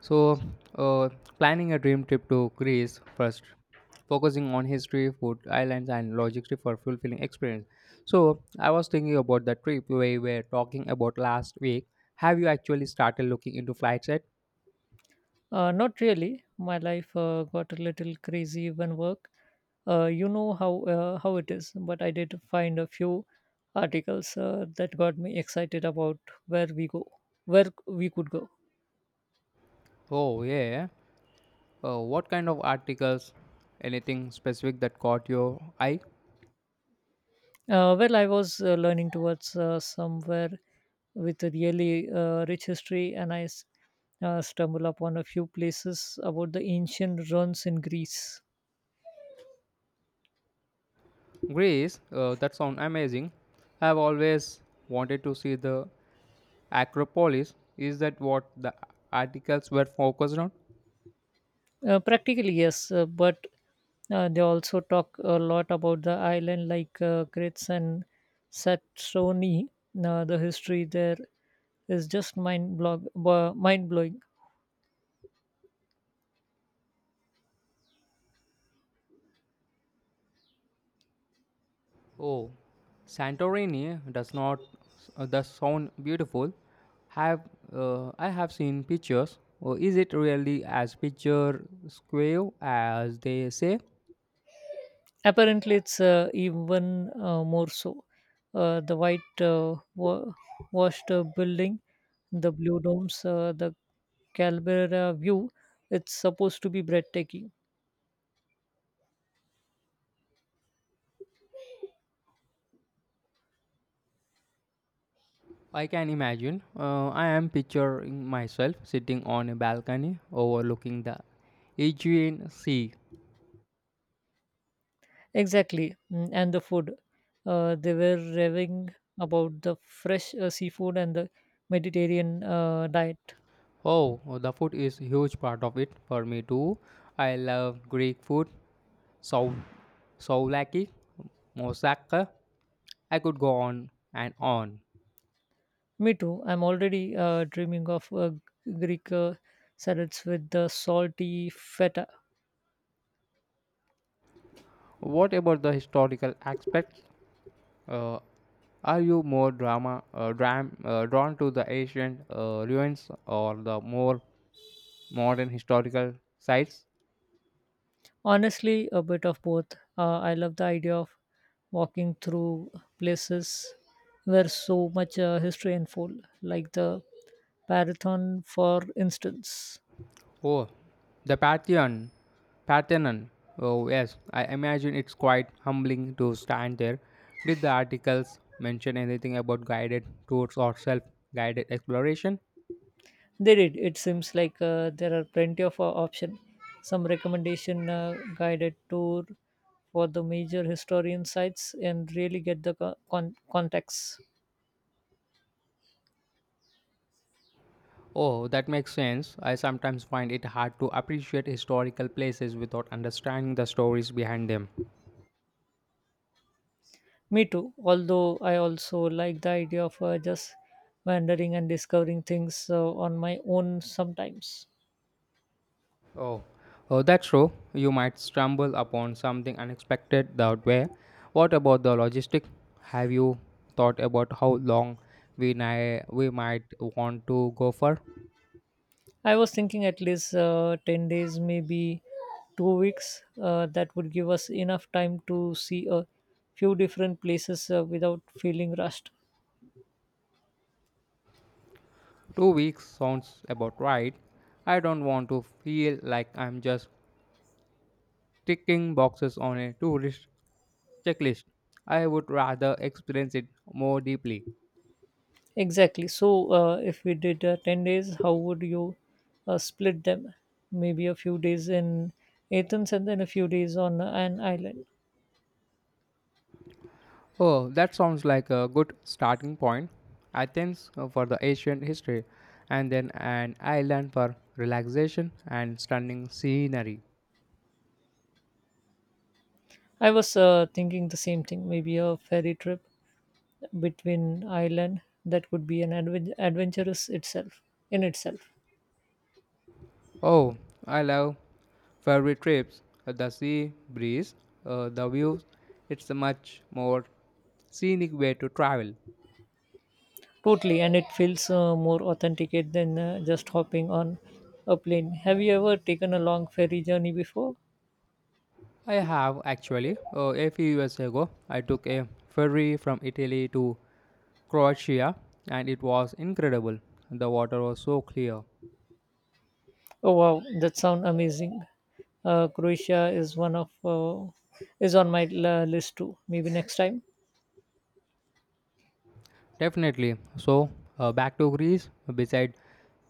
So, uh, planning a dream trip to Greece first, focusing on history, food, islands, and logistics for fulfilling experience. So, I was thinking about the trip we were talking about last week. Have you actually started looking into flights yet? Not really. My life got a little crazy when work. You know how how it is. But I did find a few articles that got me excited about where we go, where we could go. Oh, yeah. What kind of articles? Anything specific that caught your eye? I was learning towards somewhere with a really rich history, and I stumbled upon a few places about the ancient ruins in Greece. Greece. That sounds amazing. I've always wanted to see the Acropolis. Is that what the articles were focused on? Practically, yes, but they also talk a lot about the island, like Crete and Saxony. The history there is just mind blowing. Oh, Santorini does not does sound beautiful. Have I have seen pictures. Oh, is it really as picture square as they say? Apparently, it's even more so. The white washed building, the blue domes, the Calabria view. It's supposed to be breathtaking. I can imagine. I am picturing myself sitting on a balcony overlooking the Aegean Sea. Exactly, mm, and the food. They were raving about the fresh seafood and the Mediterranean diet. Oh, the food is huge part of it for me too. I love Greek food, sou souvlaki, moussaka. I could go on and on. Me too. I'm already dreaming of Greek salads with the salty feta. What about the historical aspects? Uh, are you more drawn to the ancient ruins or the more modern historical sites? Honestly, a bit of both. I love the idea of walking through places where so much history unfold, like the Marathon, for instance. Oh, the Parthenon. Oh yes, I imagine it's quite humbling to stand there. Did the articles mention anything about guided tours or self-guided exploration? They did. It seems like there are plenty of options. Some recommendation guided tour for the major historian sites and really get the context. Oh, that makes sense. I sometimes find it hard to appreciate historical places without understanding the stories behind them. Me too. Although I also like the idea of just wandering and discovering things on my own sometimes. Oh, oh, that's true. You might stumble upon something unexpected that way. What about the logistic? Have you thought about how long we might want to go for? I was thinking at least 10 days, maybe 2 weeks. That would give us enough time to see a few different places without feeling rushed. 2 weeks sounds about right. I don't want to feel like I'm just ticking boxes on a tourist checklist. I would rather experience it more deeply. Exactly. So, if we did 10 days, how would you split them? Maybe a few days in Athens and then a few days on an island. Oh, that sounds like a good starting point. Athens for the ancient history, and then an island for relaxation and stunning scenery. I was thinking the same thing, maybe a ferry trip between island that could be an adventurous itself in itself. Oh, I love ferry trips, the sea breeze, the views. It's a much more scenic way to travel. Totally, and it feels more authenticate than just hopping on a plane. Have you ever taken a long ferry journey before? I have actually, a few years ago, I took a ferry from Italy to Croatia and it was incredible. The water was so clear. Oh wow, that sounds amazing. Croatia is one of is on my list too. Maybe next time. Definitely. So, back to Greece, beside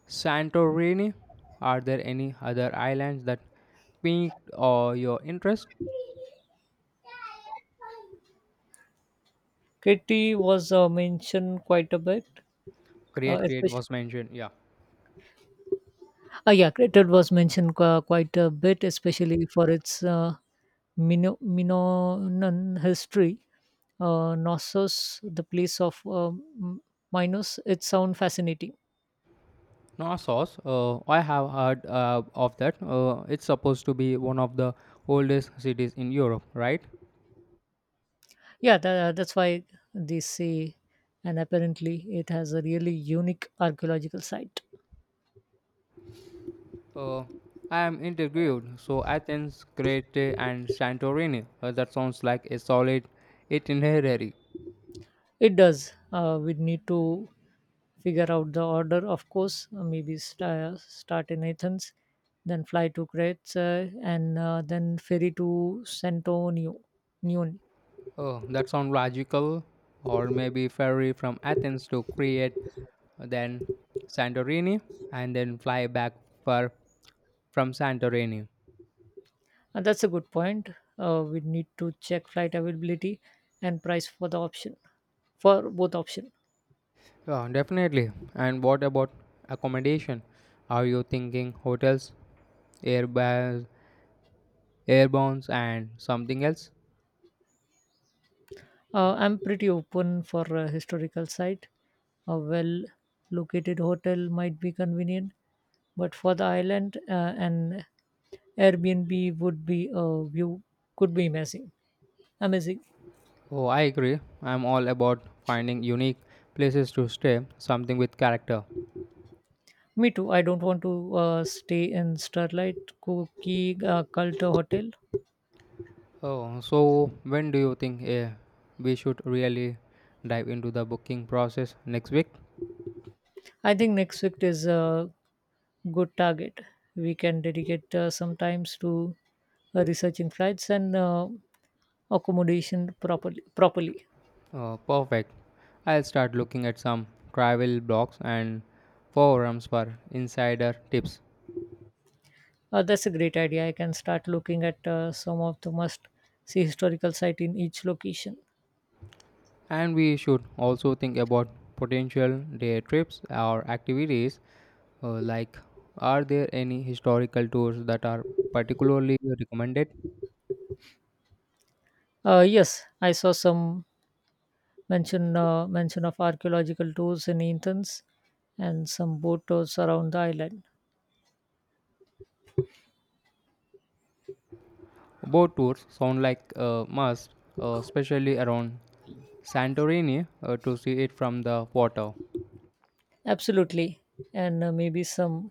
Santorini, are there any other islands that piqued your interest? Katie was mentioned quite a bit, uh, Create especially. was mentioned. Yeah. Uh, Yeah, Crete was mentioned quite a bit, especially for its Minoan history. Knossos, the place of Minos. It sounds fascinating. Knossos, I have heard of that. It's supposed to be one of the oldest cities in Europe, right? Yeah, that's why they say, and apparently it has a really unique archaeological site. Uh, I am intrigued. So, Athens, Crete, and Santorini. That sounds like a solid itinerary. It does. We need to figure out the order, of course. Maybe start in Athens, then fly to Crete, and then ferry to Santonio. Nyon. Oh, that sounds logical. Or maybe ferry from Athens to Crete, then Santorini, and then fly back for from Santorini. That's a good point. We need to check flight availability and price for the option for both option. Yeah, definitely. And what about accommodation? Are you thinking hotels, airbus, airbounds, and something else? I'm pretty open for a historical site. A well located hotel might be convenient, but for the island, an Airbnb would be a view could be amazing. Oh, I agree. I'm all about finding unique places to stay, something with character. Me too. I don't want to stay in Starlight Cookie Cult Hotel. Oh, so when do you think we should really dive into the booking process next week? I think next week is a good target. We can dedicate some times to researching flights and accommodation properly. Oh, perfect. I'll start looking at some travel blogs and forums for insider tips. That's a great idea. I can start looking at some of the must see historical site in each location. And we should also think about potential day trips or activities. Like, are there any historical tours that are particularly recommended? Yes, I saw some mention of archaeological tours in Athens and some boat tours around the island. Boat tours sound like a must, especially around Santorini to see it from the water. Absolutely, and maybe some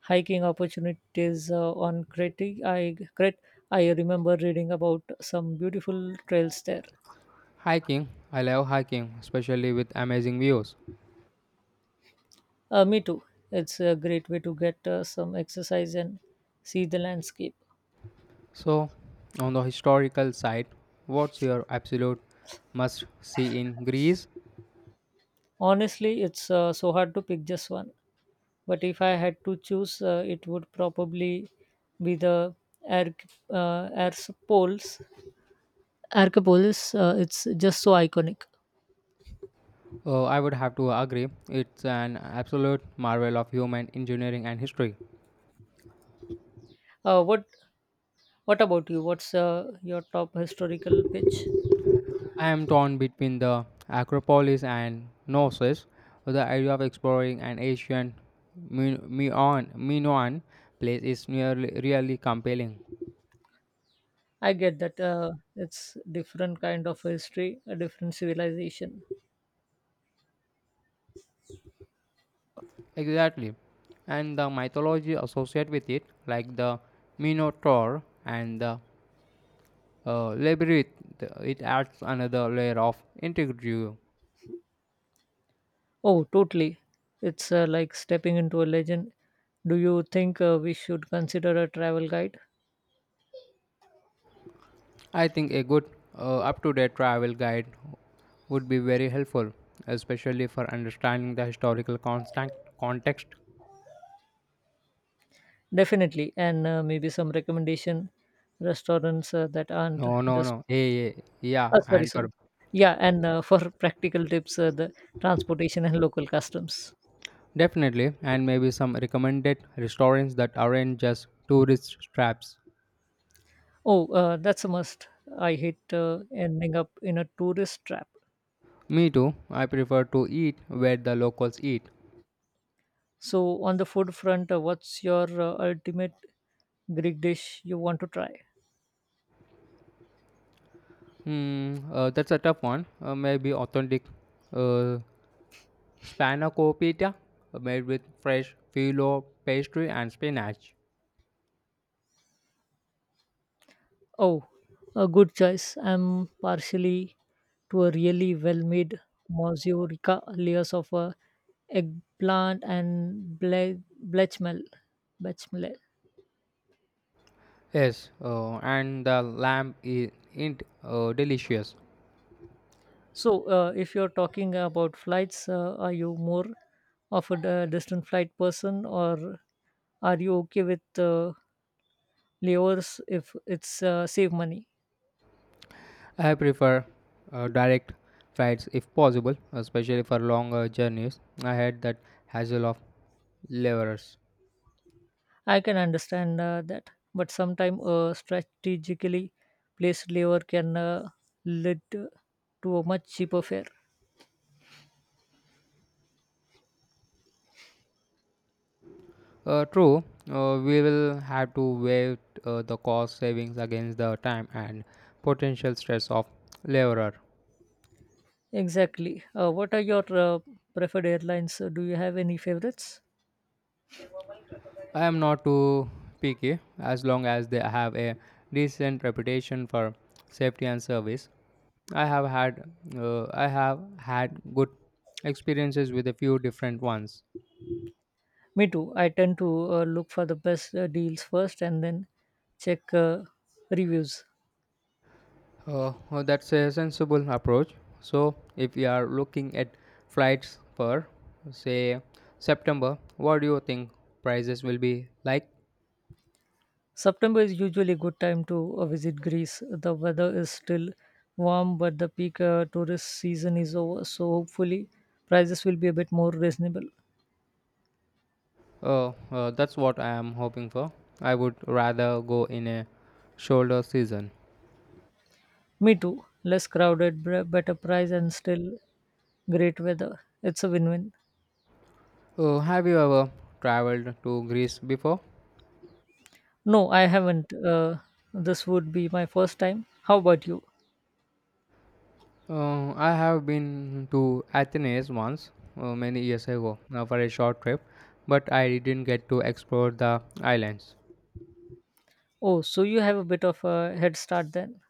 hiking opportunities on Crete. I remember reading about some beautiful trails there. Hiking, I love hiking, especially with amazing views. Me too. It's a great way to get some exercise and see the landscape. So, on the historical side, what's your absolute must see in Greece? Honestly, it's so hard to pick just one. But if I had to choose, it would probably be the Air Arcopolis. Arcopolis, it's just so iconic. I would have to agree, it's an absolute marvel of human engineering and history. Uh, what What about you? What's your top historical pitch? I am torn between the Acropolis and Knossos. The idea of exploring an ancient Minoan place is nearly really compelling. I get that it's different kind of history, a different civilization. Exactly. And the mythology associated with it, like the Minotaur and the Labyrinth, it adds another layer of integrity. Oh, totally. It's like stepping into a legend. Do you think we should consider a travel guide? I think a good up to date travel guide would be very helpful, especially for understanding the historical constant context. Definitely, and maybe some recommendation restaurants, that aren't No, no, just. no. Yeah, yeah, yeah. Oh, sorry, And for sorry. Yeah, and for practical tips, the transportation and local customs. definitely, and maybe some recommended restaurants that aren't just tourist traps. Oh, that's a must. I hate, ending up in a tourist trap. Me too. I prefer to eat where the locals eat. So on the food front, what's your, ultimate Greek dish you want to try? Hmm, that's a tough one. Maybe authentic uh, spanakopita made with fresh filo pastry and spinach. Oh, a good choice. I'm partially to a really well-made mazurka layers of a eggplant and bechamel. Yes, and the lamb is int delicious. So, if you're talking about flights, are you more of a distant flight person, or are you okay with layers if it's save money? I prefer direct flights if possible, especially for longer journeys. I had that hassle of levers. I can understand that, but sometimes a strategically placed lever can lead to a much cheaper fare. True, we will have to weigh the cost savings against the time and potential stress of leverer. Exactly. What are your preferred airlines? Do you have any favorites? I am not too picky as long as they have a decent reputation for safety and service. I have had I have had good experiences with a few different ones. Me too. I tend to look for the best deals first and then check reviews. That's a sensible approach. So if we are looking at flights for say September, what do you think prices will be like? September is usually a good time to visit Greece. The weather is still warm, but the peak tourist season is over, so hopefully prices will be a bit more reasonable. That's what I am hoping for. I would rather go in a shoulder season. Me too. Less crowded, better price, and still great weather. It's a win win. Have you ever traveled to Greece before? No, I haven't. This would be my first time. How about you? I have been to Athens once many years ago for a short trip, but I didn't get to explore the islands. Oh, so you have a bit of a head start then.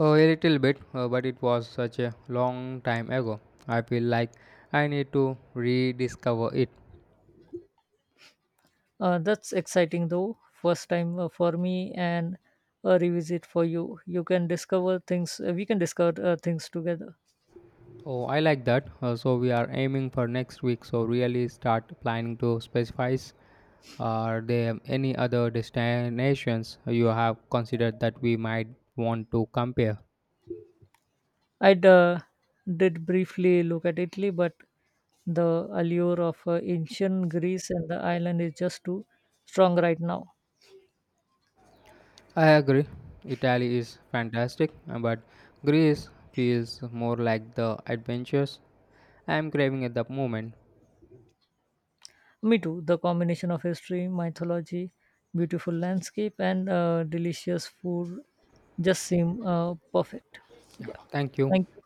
A little bit, but it was such a long time ago. I feel like I need to rediscover it. That's exciting though. First time for me and a revisit for you. You can discover things. We can discover things together. Oh, I like that. So we are aiming for next week, so really start planning to specify. Are there any other destinations you have considered that we might want to compare? I did briefly look at Italy, but the allure of ancient Greece and the island is just too strong right now. I agree. Italy is fantastic, but Greece feels more like the adventures I am craving at the moment. Me too. The combination of history, mythology, beautiful landscape, and delicious food just seem perfect. Yeah, Yeah. thank you. Thank you.